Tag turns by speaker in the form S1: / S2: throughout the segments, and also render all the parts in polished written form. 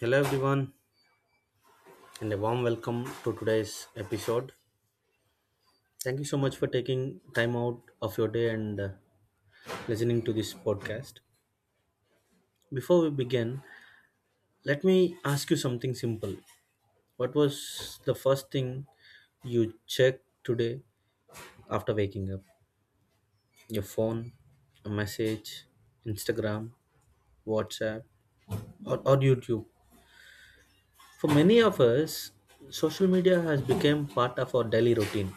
S1: Hello, everyone, and a warm welcome to today's episode. Thank you so much for taking time out of your day and listening to this podcast. Before we begin, let me ask you something simple. What was the first thing you checked today after waking up? Your phone, a message, Instagram, WhatsApp, or YouTube? For many of us, social media has become part of our daily routine,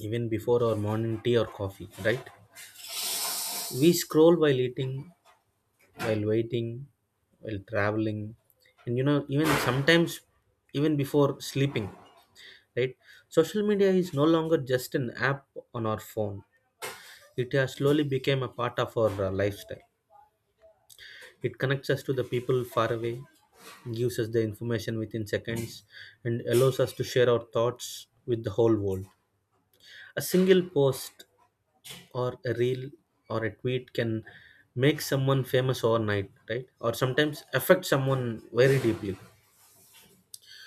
S1: even before our morning tea or coffee, right? We scroll while eating, while waiting, while traveling, and you know, even sometimes even before sleeping, right? Social media is no longer just an app on our phone. It has slowly become a part of our lifestyle. It connects us to the people far away, gives us the information within seconds, and allows us to share our thoughts with the whole world. A single post or a reel or a tweet can make someone famous overnight, right, or sometimes affect someone very deeply.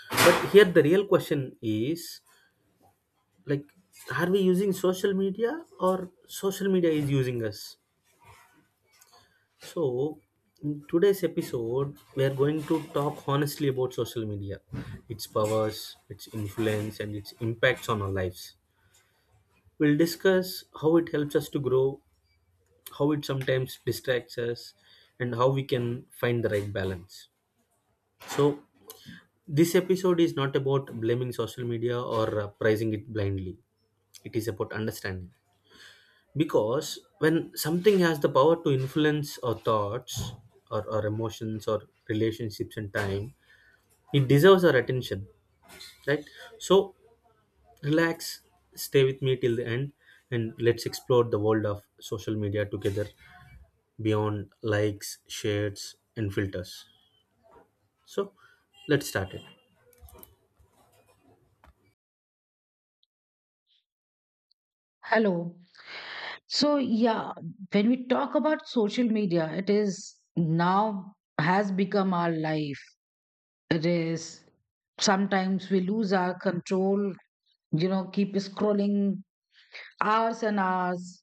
S1: But here the real question is, like, are we using social media, or social media is using us? So in today's episode we are going to talk honestly about social media, its powers, its influence, and its impacts on our lives. We'll discuss how it helps us to grow, how it sometimes distracts us, and how we can find the right balance. So this episode is not about blaming social media or praising it blindly. It is about understanding, because when something has the power to influence our thoughts or our emotions or relationships and time, it deserves our attention, right? So relax, stay with me till the end, and let's explore the world of social media together, beyond likes, shares, and filters. So let's start it.
S2: Hello. So, yeah, when we talk about social media, it is now has become our life. It is sometimes we lose our control, keep scrolling hours and hours,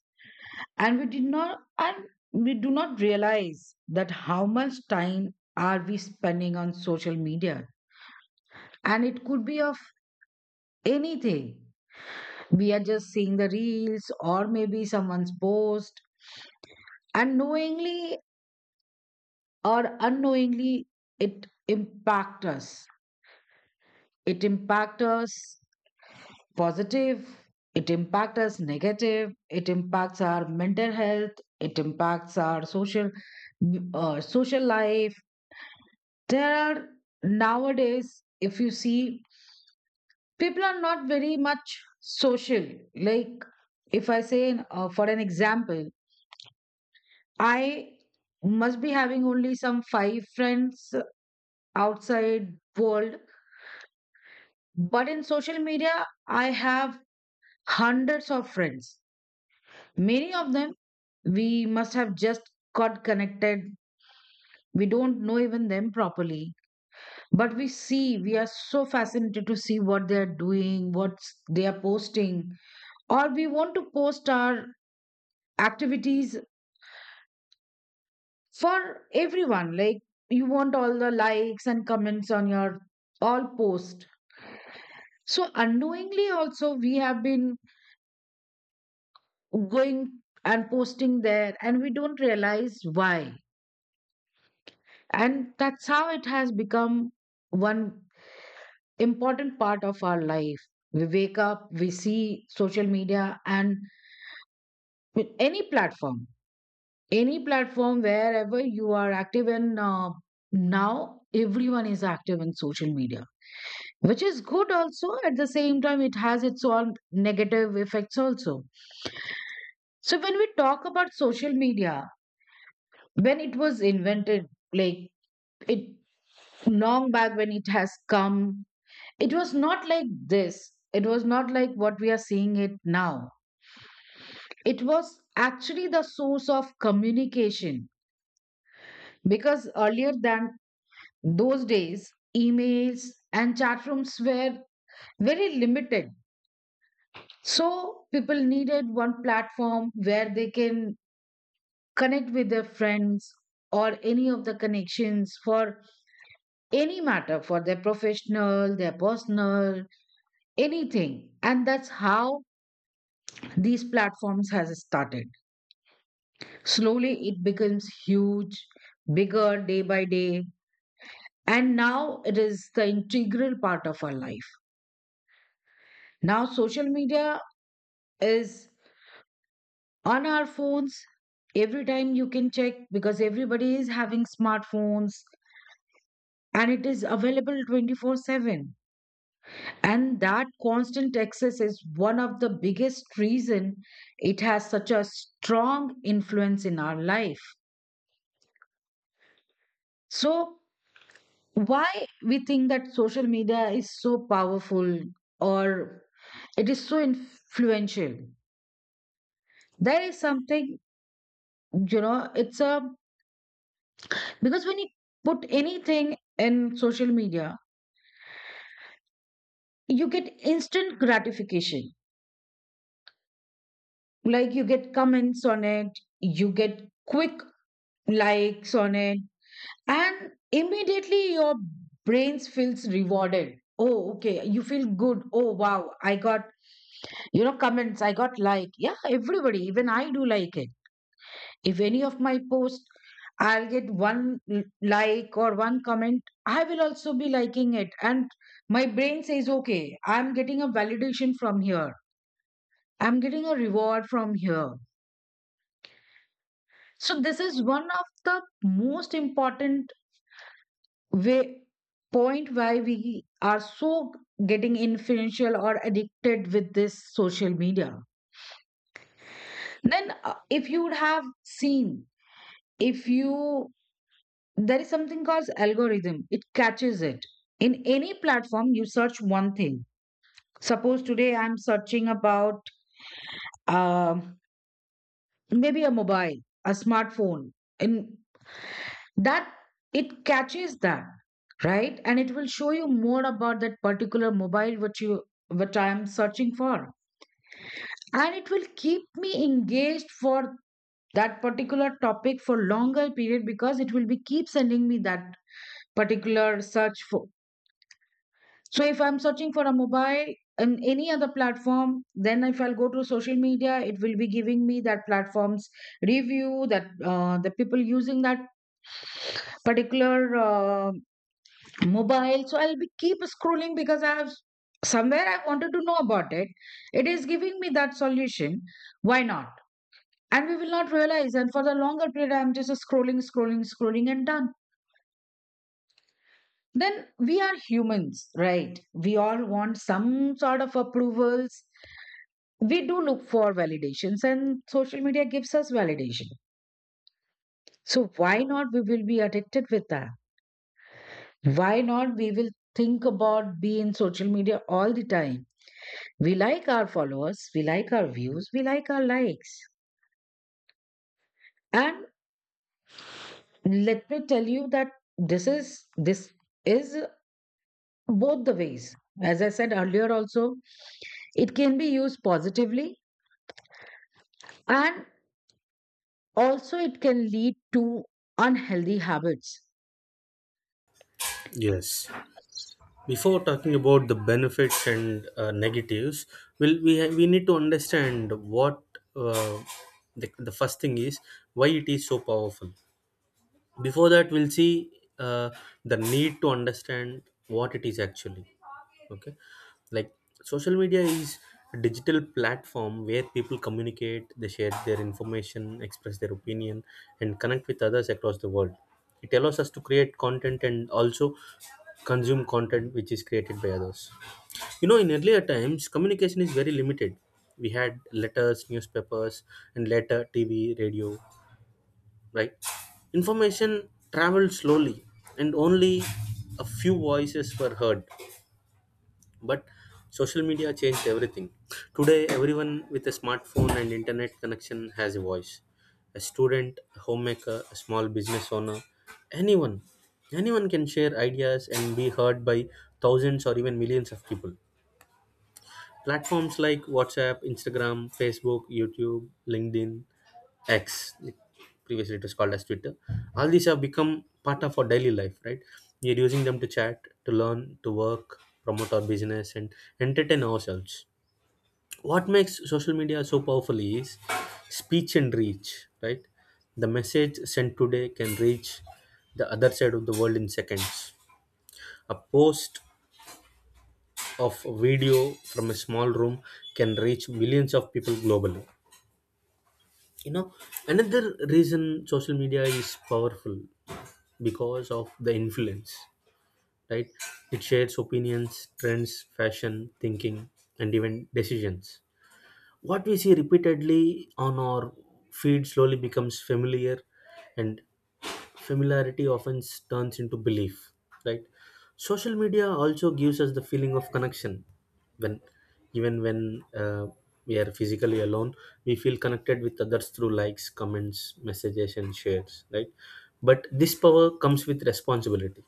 S2: and we do not realize that how much time are we spending on social media. And it could be of anything. We are just seeing the reels or maybe someone's post, and knowingly or unknowingly it impact us it impact us positive, it impact us negative, it impacts our mental health, it impacts our social social life. There are Nowadays, if you see, people are not very much social, like if I say, for an example, I must be having only some five friends outside world. But in social media, I have hundreds of friends. Many of them we must have just got connected. We don't know even them properly, but we are so fascinated to see what they are doing, what they are posting, or we want to post our activities for everyone. Like you want all the likes and comments on your all post. So unknowingly also we have been going and posting there, and we don't realize why, and that's how it has become one important part of our life. We wake up, we see social media, and with any platform wherever you are active in, now everyone is active in social media, which is good also. At the same time, it has its own negative effects also. So when we talk about social media, when it was invented, like it long back when it has come, it was not like this, it was not like what we are seeing it now. It was actually the source of communication, because earlier than those days, emails and chat rooms were very limited. So people needed one platform where they can connect with their friends or any of the connections for any matter, for their professional, their personal, anything. And that's how these platforms has started, slowly it becomes huge, bigger day by day, and now it is the integral part of our life. Now social media is on our phones every time, you can check, because everybody is having smartphones, and it is available 24/7. And that constant access is one of the biggest reason it has such a strong influence in our life. So, why we think that social media is so powerful, or it is so influential? There is something, you know, it's a because when you put anything in social media, you get instant gratification. Like you get comments on it, you get quick likes on it, and immediately your brain feels rewarded. Oh, okay, you feel good. Oh, wow, I got comments, I got like, yeah, everybody, even I do like it. If any of my posts, I'll get one l- like or one comment, I will also be liking it, and my brain says, okay, I'm getting a validation from here, I'm getting a reward from here. So this is one of the most important way point why we are so getting influential or addicted with this social media. Then if you would have seen, if you there is something called algorithm, it catches it. In any platform you search one thing, suppose today I'm searching about um maybe a mobile, a smartphone, and that it catches that, right, and it will show you more about that particular mobile, what I am searching for. And it will keep me engaged for that particular topic for longer period, because it will be keep sending me that particular search. So if I'm searching for a mobile in any other platform, then if I'll go to social media, it will be giving me that platform's review, that the people using that particular mobile. So I'll be keep scrolling, because I have somewhere I wanted to know about it. It is giving me that solution. Why not? And we will not realize. And for the longer period, I'm just scrolling, scrolling, scrolling, and done. Then we are humans, right? We all want some sort of approvals, we do look for validations, and social media gives us validation. So why not we will be addicted with that, why not we will think about being in social media all the time? We like our followers, we like our views, we like our likes. And let me tell you that this is both the ways, as I said earlier also, it can be used positively, and also it can lead to unhealthy habits.
S1: Yes. Before talking about the benefits and negatives, well, we need to understand what uh, the first thing is, why it is so powerful. Before that, we'll see, uh, the need to understand what it is actually. Okay, like, social media is a digital platform where people communicate, they share their information, express their opinion, and connect with others across the world. It allows us to create content and also consume content which is created by others. You know, in earlier times communication is very limited. We had letters, newspapers, and later TV, radio, right? Information traveled slowly, and only a few voices were heard. But social media changed everything. Today, everyone with a smartphone and internet connection has a voice. A student, a homemaker, a small business owner, anyone. Anyone can share ideas and be heard by thousands or even millions of people. Platforms like WhatsApp, Instagram, Facebook, YouTube, LinkedIn, X, like previously it was called as Twitter. All these have become part of our daily life, right? We are using them to chat, to learn, to work, promote our business, and entertain ourselves. What makes social media so powerful is speech and reach, right? The message sent today can reach the other side of the world in seconds. A post of video from a small room can reach millions of people globally. You know, another reason social media is powerful because of the influence, right? It shares opinions, trends, fashion, thinking, and even decisions. What we see repeatedly on our feed slowly becomes familiar, and familiarity often turns into belief, right? Social media also gives us the feeling of connection. When even when uh, we are physically alone, we feel connected with others through likes, comments, messages, and shares, right? But this power comes with responsibility.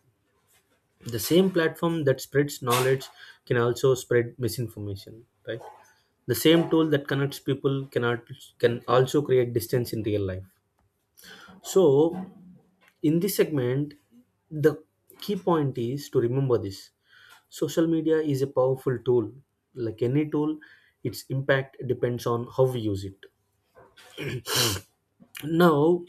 S1: The same platform that spreads knowledge can also spread misinformation, right? The same tool that connects people cannot can also create distance in real life. So in this segment, the key point is to remember this: social media is a powerful tool. Like any tool, its impact depends on how we use it. Now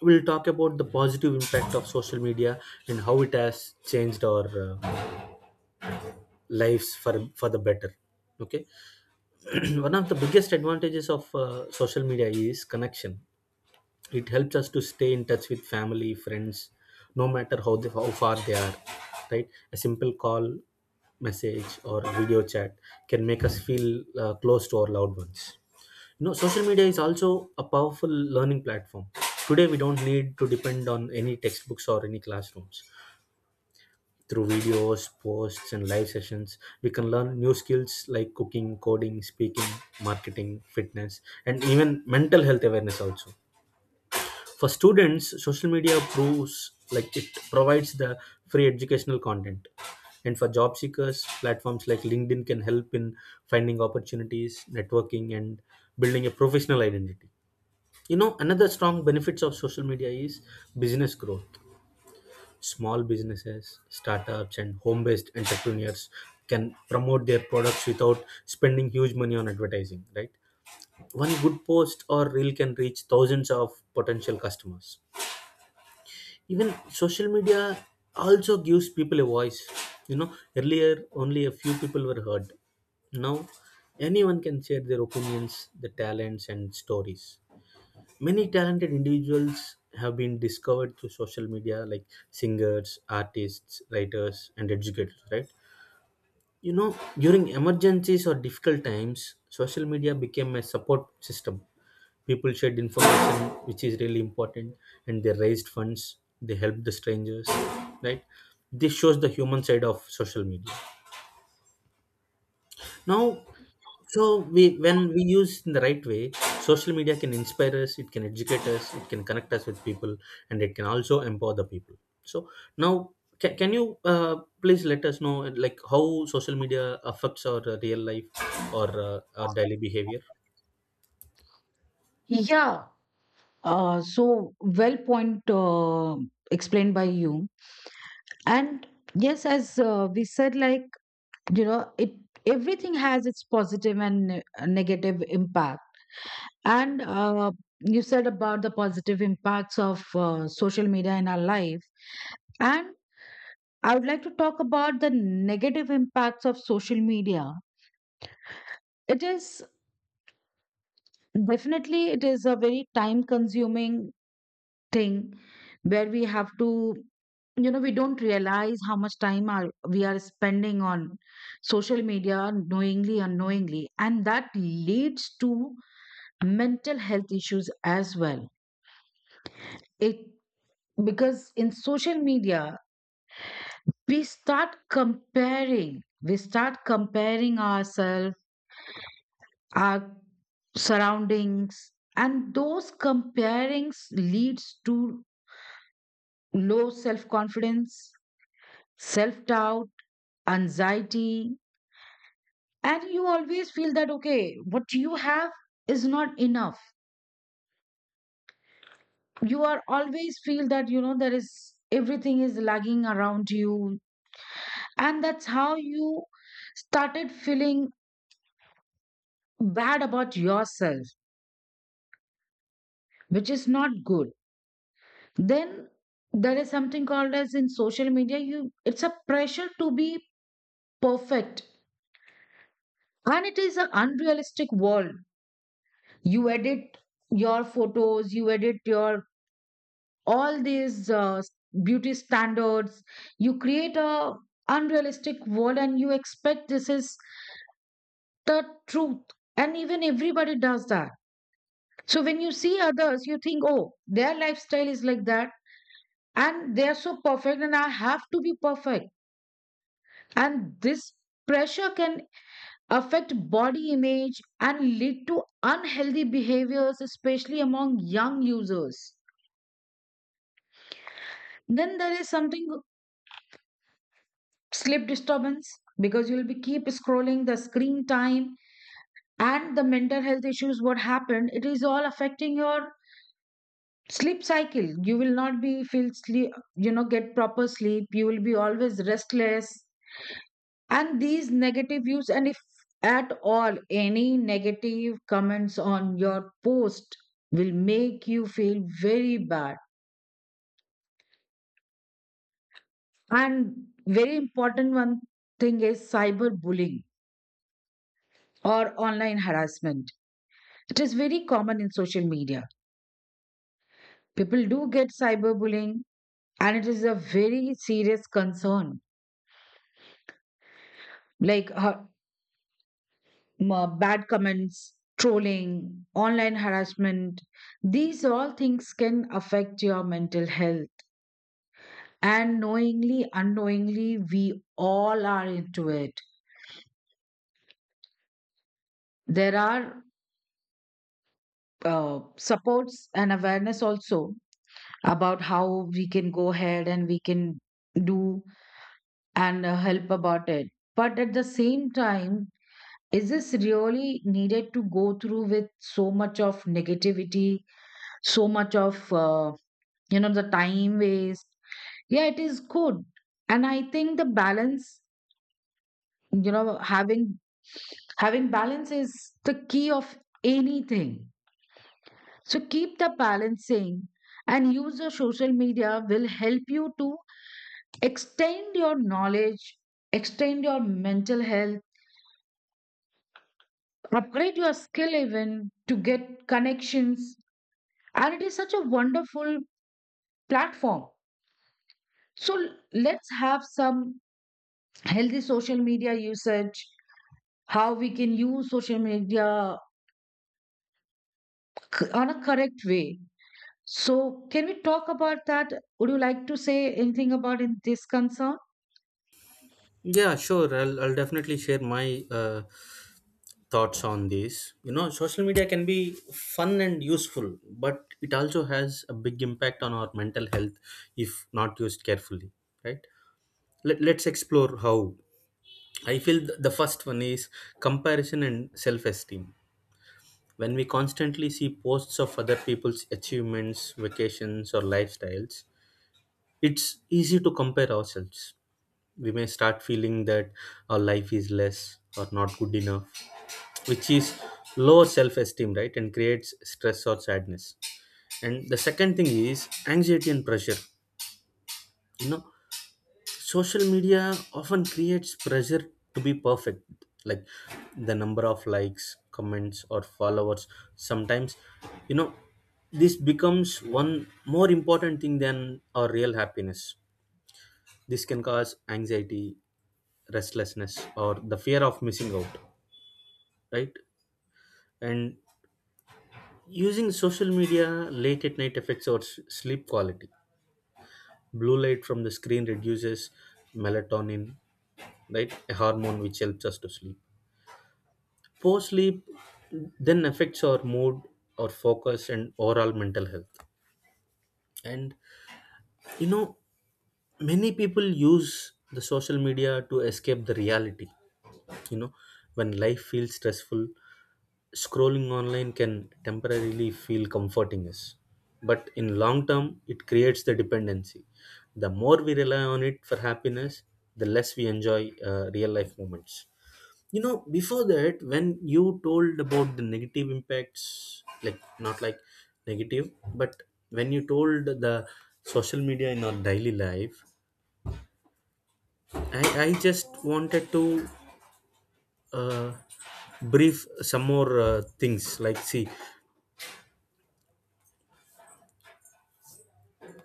S1: we'll talk about the positive impact of social media and how it has changed our lives for the better. Okay. One of the biggest advantages of social media is connection. It helps us to stay in touch with family, friends, no matter how far they are, right? A simple call, message, or video chat can make us feel close to our loved ones. You know, social media is also a powerful learning platform. Today we don't need to depend on any textbooks or any classrooms. Through videos, posts, and live sessions, we can learn new skills like cooking, coding, speaking, marketing, fitness, and even mental health awareness also. For students, social media proves like it provides the free educational content, and for job seekers, platforms like LinkedIn can help in finding opportunities, networking, and building a professional identity. You know, another strong benefits of social media is business growth. Small businesses, startups, and home based entrepreneurs can promote their products without spending huge money on advertising, right? One good post or reel can reach thousands of potential customers. Even social media also gives people a voice. You know, earlier only a few people were heard. Now anyone can share their opinions, their talents, and stories. Many talented individuals have been discovered through social media, like singers, artists, writers, and educators, right? You know, during emergencies or difficult times, social media became a support system. People shared information which is really important, and they raised funds, they helped the strangers, right? This shows the human side of social media. Now, so, we when we use in the right way, social media can inspire us, it can educate us, it can connect us with people, and it can also empower the people. So now, can you please let us know, like, how social media affects our real life or our daily behavior?
S2: Yeah. So well point, explained by you. And yes, as we said, like, it everything has its positive and negative impact. And you said about the positive impacts of social media in our life. And I would like to talk about the negative impacts of social media. It is definitely, it is a very time consuming thing, where we have to we don't realize how much time are we are spending on social media, knowingly, unknowingly, and that leads to mental health issues as well. It Because in social media, we start comparing we start comparing ourselves, our surroundings, and those comparings leads to low self confidence, self doubt, anxiety. And you always feel that, okay, what you have is not enough, you are always feel that, you know there is everything is lagging around you, and that's how you started feeling bad about yourself, which is not good. Then there is something called as, in social media, you it's a pressure to be perfect, and it is an unrealistic world. You edit your photos, you edit your all these beauty standards, you create a unrealistic world and you expect this is the truth, and even everybody does that. So when you see others, you think, oh, their lifestyle is like that, and they are so perfect, and I have to be perfect, and this pressure can affect body image and lead to unhealthy behaviors, especially among young users. Then there is something, sleep disturbance, because you'll be keep scrolling, the screen time and the mental health issues, what happened, it is all affecting your sleep cycle, you will not be feel sleep, get proper sleep, you will be always restless. And these negative views, and if at all any negative comments on your post will make you feel very bad. And very important one thing is cyberbullying or online harassment. It is very common in social media. People do get cyberbullying, and it is a very serious concern. Like bad comments, trolling, online harassment, these all things can affect your mental health. And knowingly, unknowingly, we all are into it. There are supports and awareness also about how we can go ahead and we can do, and help about it. But at the same time, is this really needed to go through with so much of negativity, so much of, the time waste? Yeah, it is good. And I think the balance, you know, having having balance is the key of anything. So keep the balancing and use the social media will help you to extend your knowledge, extend your mental health, upgrade your skill, even to get connections, and it is such a wonderful platform. So let's have some healthy social media usage, how we can use social media on a correct way. So can we talk about that? Would you like to say anything about in this concern?
S1: Yeah, sure, I'll definitely share my thoughts on this. You know, social media can be fun and useful, but it also has a big impact on our mental health if not used carefully, right? Let's explore how. I feel the first one is comparison and self-esteem. When we constantly see posts of other people's achievements, vacations, or lifestyles, it's easy to compare ourselves. We may start feeling that our life is less or not good enough, which is lower self-esteem, right, and creates stress or sadness. And the second thing is anxiety and pressure. You know, social media often creates pressure to be perfect, like the number of likes, comments, or followers. Sometimes, you know, this becomes one more important thing than our real happiness. This can cause anxiety, restlessness, or the fear of missing out, right? And using social media late at night affects our sleep quality. Blue light from the screen reduces melatonin, right? A hormone which helps us to sleep. Poor sleep then affects our mood, our focus, and overall mental health. And you know, many people use the social media to escape the reality. You know, when life feels stressful, scrolling online can temporarily feel comforting us, but in long term it creates the dependency. The more we rely on it for happiness, the less we enjoy real life moments. You know, before that, when you told about the negative impacts, like, not like negative, but when you told the social media in our daily life, I just wanted to uh, brief some more things, like, see,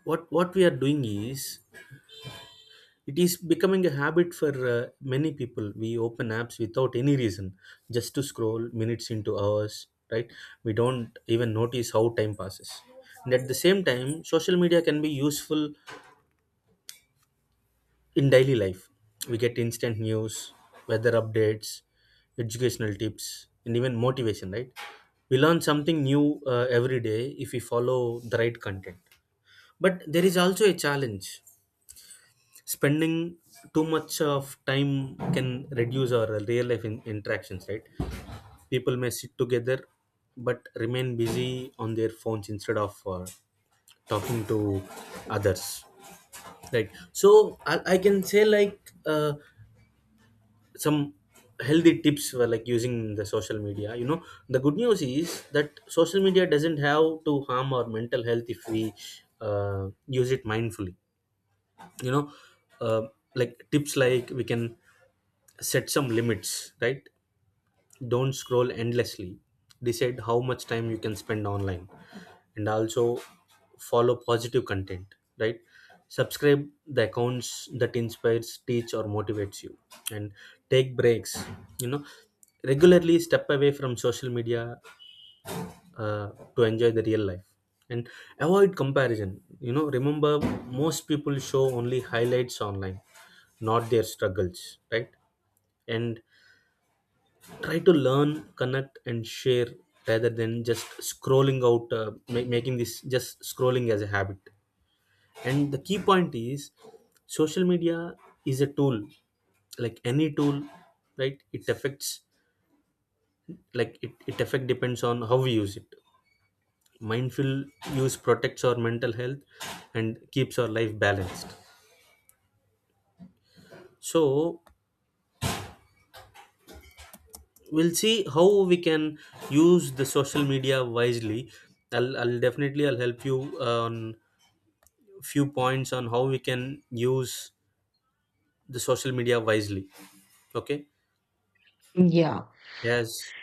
S1: what we are doing is it is becoming a habit for many people. We open apps without any reason, just to scroll minutes into hours, right? We don't even notice how time passes. And at the same time, social media can be useful in daily life. We get instant news, weather updates, educational tips, and even motivation, right? We learn something new every day if we follow the right content. But there is also a challenge. Spending too much of time can reduce our real life interactions, right? People may sit together but remain busy on their phones instead of talking to others, right? So I can say, like, some healthy tips for, like, using the social media. You know, the good news is that social media doesn't have to harm our mental health if we use it mindfully. You know, uh, like, tips like we can set some limits, right? Don't scroll endlessly. Decide how much time you can spend online. And also follow positive content, right? Subscribe the accounts that inspires, teach, or motivates you. And take breaks. You know, regularly step away from social media uh, to enjoy the real life. And avoid comparison. You know, remember, most people show only highlights online, not their struggles, right? And try to learn, connect, and share rather than just scrolling out, making this just scrolling as a habit. And the key point is, social media is a tool. Like any tool, right, it affects, like, it affect depends on how we use it. Mindful use protects our mental health and keeps our life balanced. So we'll see how we can use the social media wisely. I'll definitely, I'll help you on few points on how we can use the social media wisely. Okay.
S2: Yeah,
S1: Yes.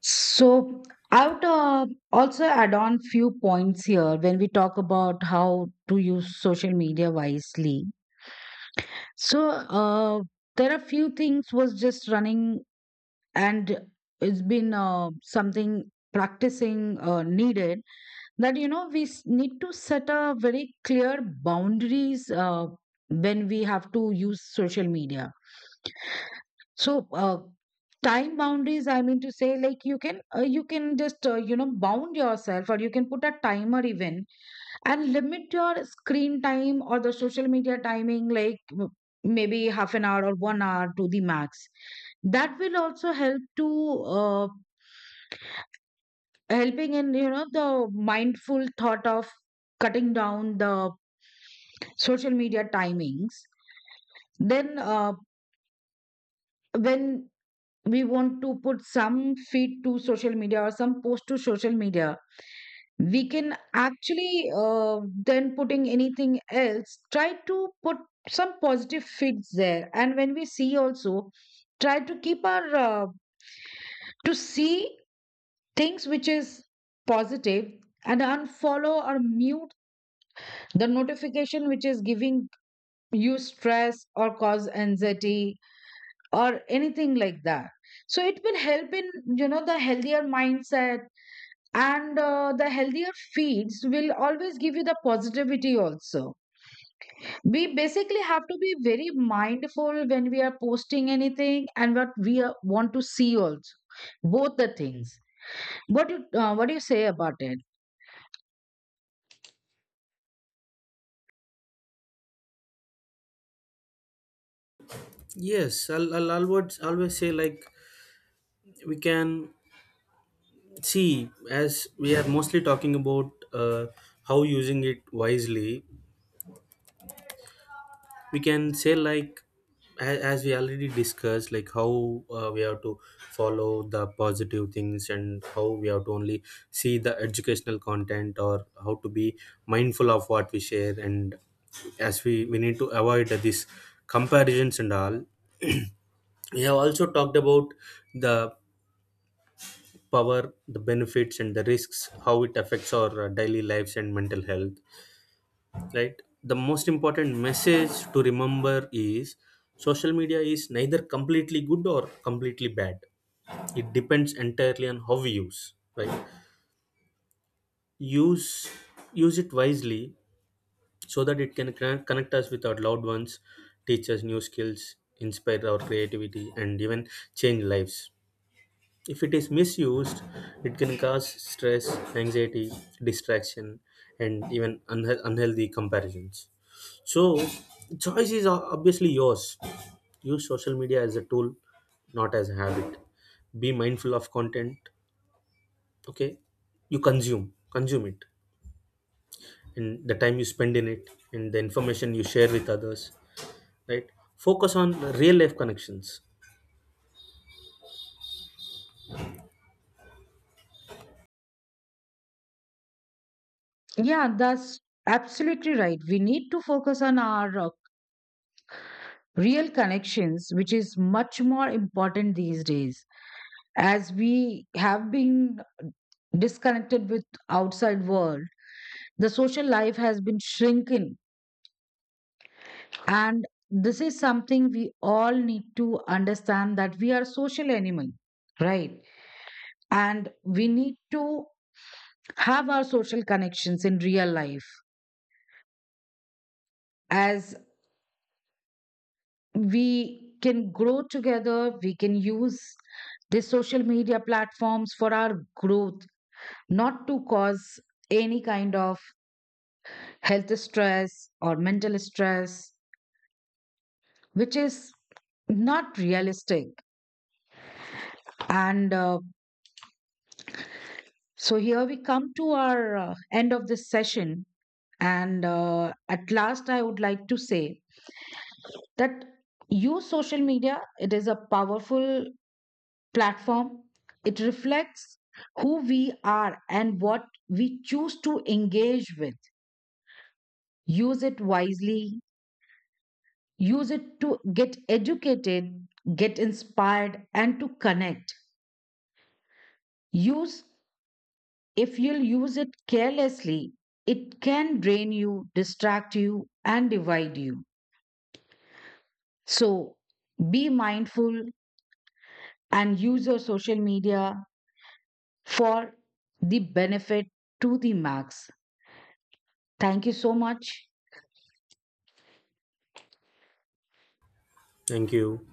S2: so I would also add on few points here when we talk about how to use social media wisely. So there are few things was just running, and it's been something, practicing needed, that we need to set a very clear boundaries when we have to use social media. So time boundaries, I mean to say, like you can just bound yourself, or you can put a timer even, and limit your screen time or the social media timing, like maybe half an hour or 1 hour to the max. That will also help to uh, helping in the mindful thought of cutting down the social media timings. Then when we want to put some feed to social media or some post to social media, we can actually then putting anything else, try to put some positive fits there. And when we see also, try to keep our to see things which is positive, and unfollow or mute the notification which is giving you stress or cause anxiety or anything like that. So it will help in the healthier mindset, and the healthier feeds will always give you the positivity also. We basically have to be very mindful when we are posting anything and want to see also, both the things. What do you say about it?
S1: Yes, I'll always, always say, like, we can see, as we are mostly talking about how using it wisely, we can say, like, as we already discussed, like, how we have to follow the positive things and how we have to only see the educational content or how to be mindful of what we share, and as we need to avoid these comparisons and all. We have also talked about the power, the benefits, and the risks, how it affects our daily lives and mental health, right? The most important message to remember is, social media is neither completely good or completely bad. It depends entirely on how we use, right? Use use it wisely, so that it can connect us with our loved ones, teach us new skills, inspire our creativity, and even change lives. If it is misused, it can cause stress, anxiety, distraction, and even unhealthy comparisons. So, choice is obviously yours. Use social media as a tool, not as a habit. Be mindful of content, okay? You consume it, and the time you spend in it, and the information you share with others, right? Focus on real life connections.
S2: Yeah, that's absolutely right, we need to focus on our real connections, which is much more important these days. As we have been disconnected with outside world, the social life has been shrinking, and this is something we all need to understand, that we are social animal, right. And we need to have our social connections in real life, as we can grow together, we can use the social media platforms for our growth, not to cause any kind of health stress or mental stress, which is not realistic. And So here we come to our end of this session. And at last, I would like to say that use social media, it is a powerful platform. It reflects who we are and what we choose to engage with. Use it wisely, use it to get educated, get inspired, and to connect. Use If you'll use it carelessly, it can drain you, distract you, and divide you. So be mindful and use your social media for the benefit to the max. Thank you so much.
S1: Thank you.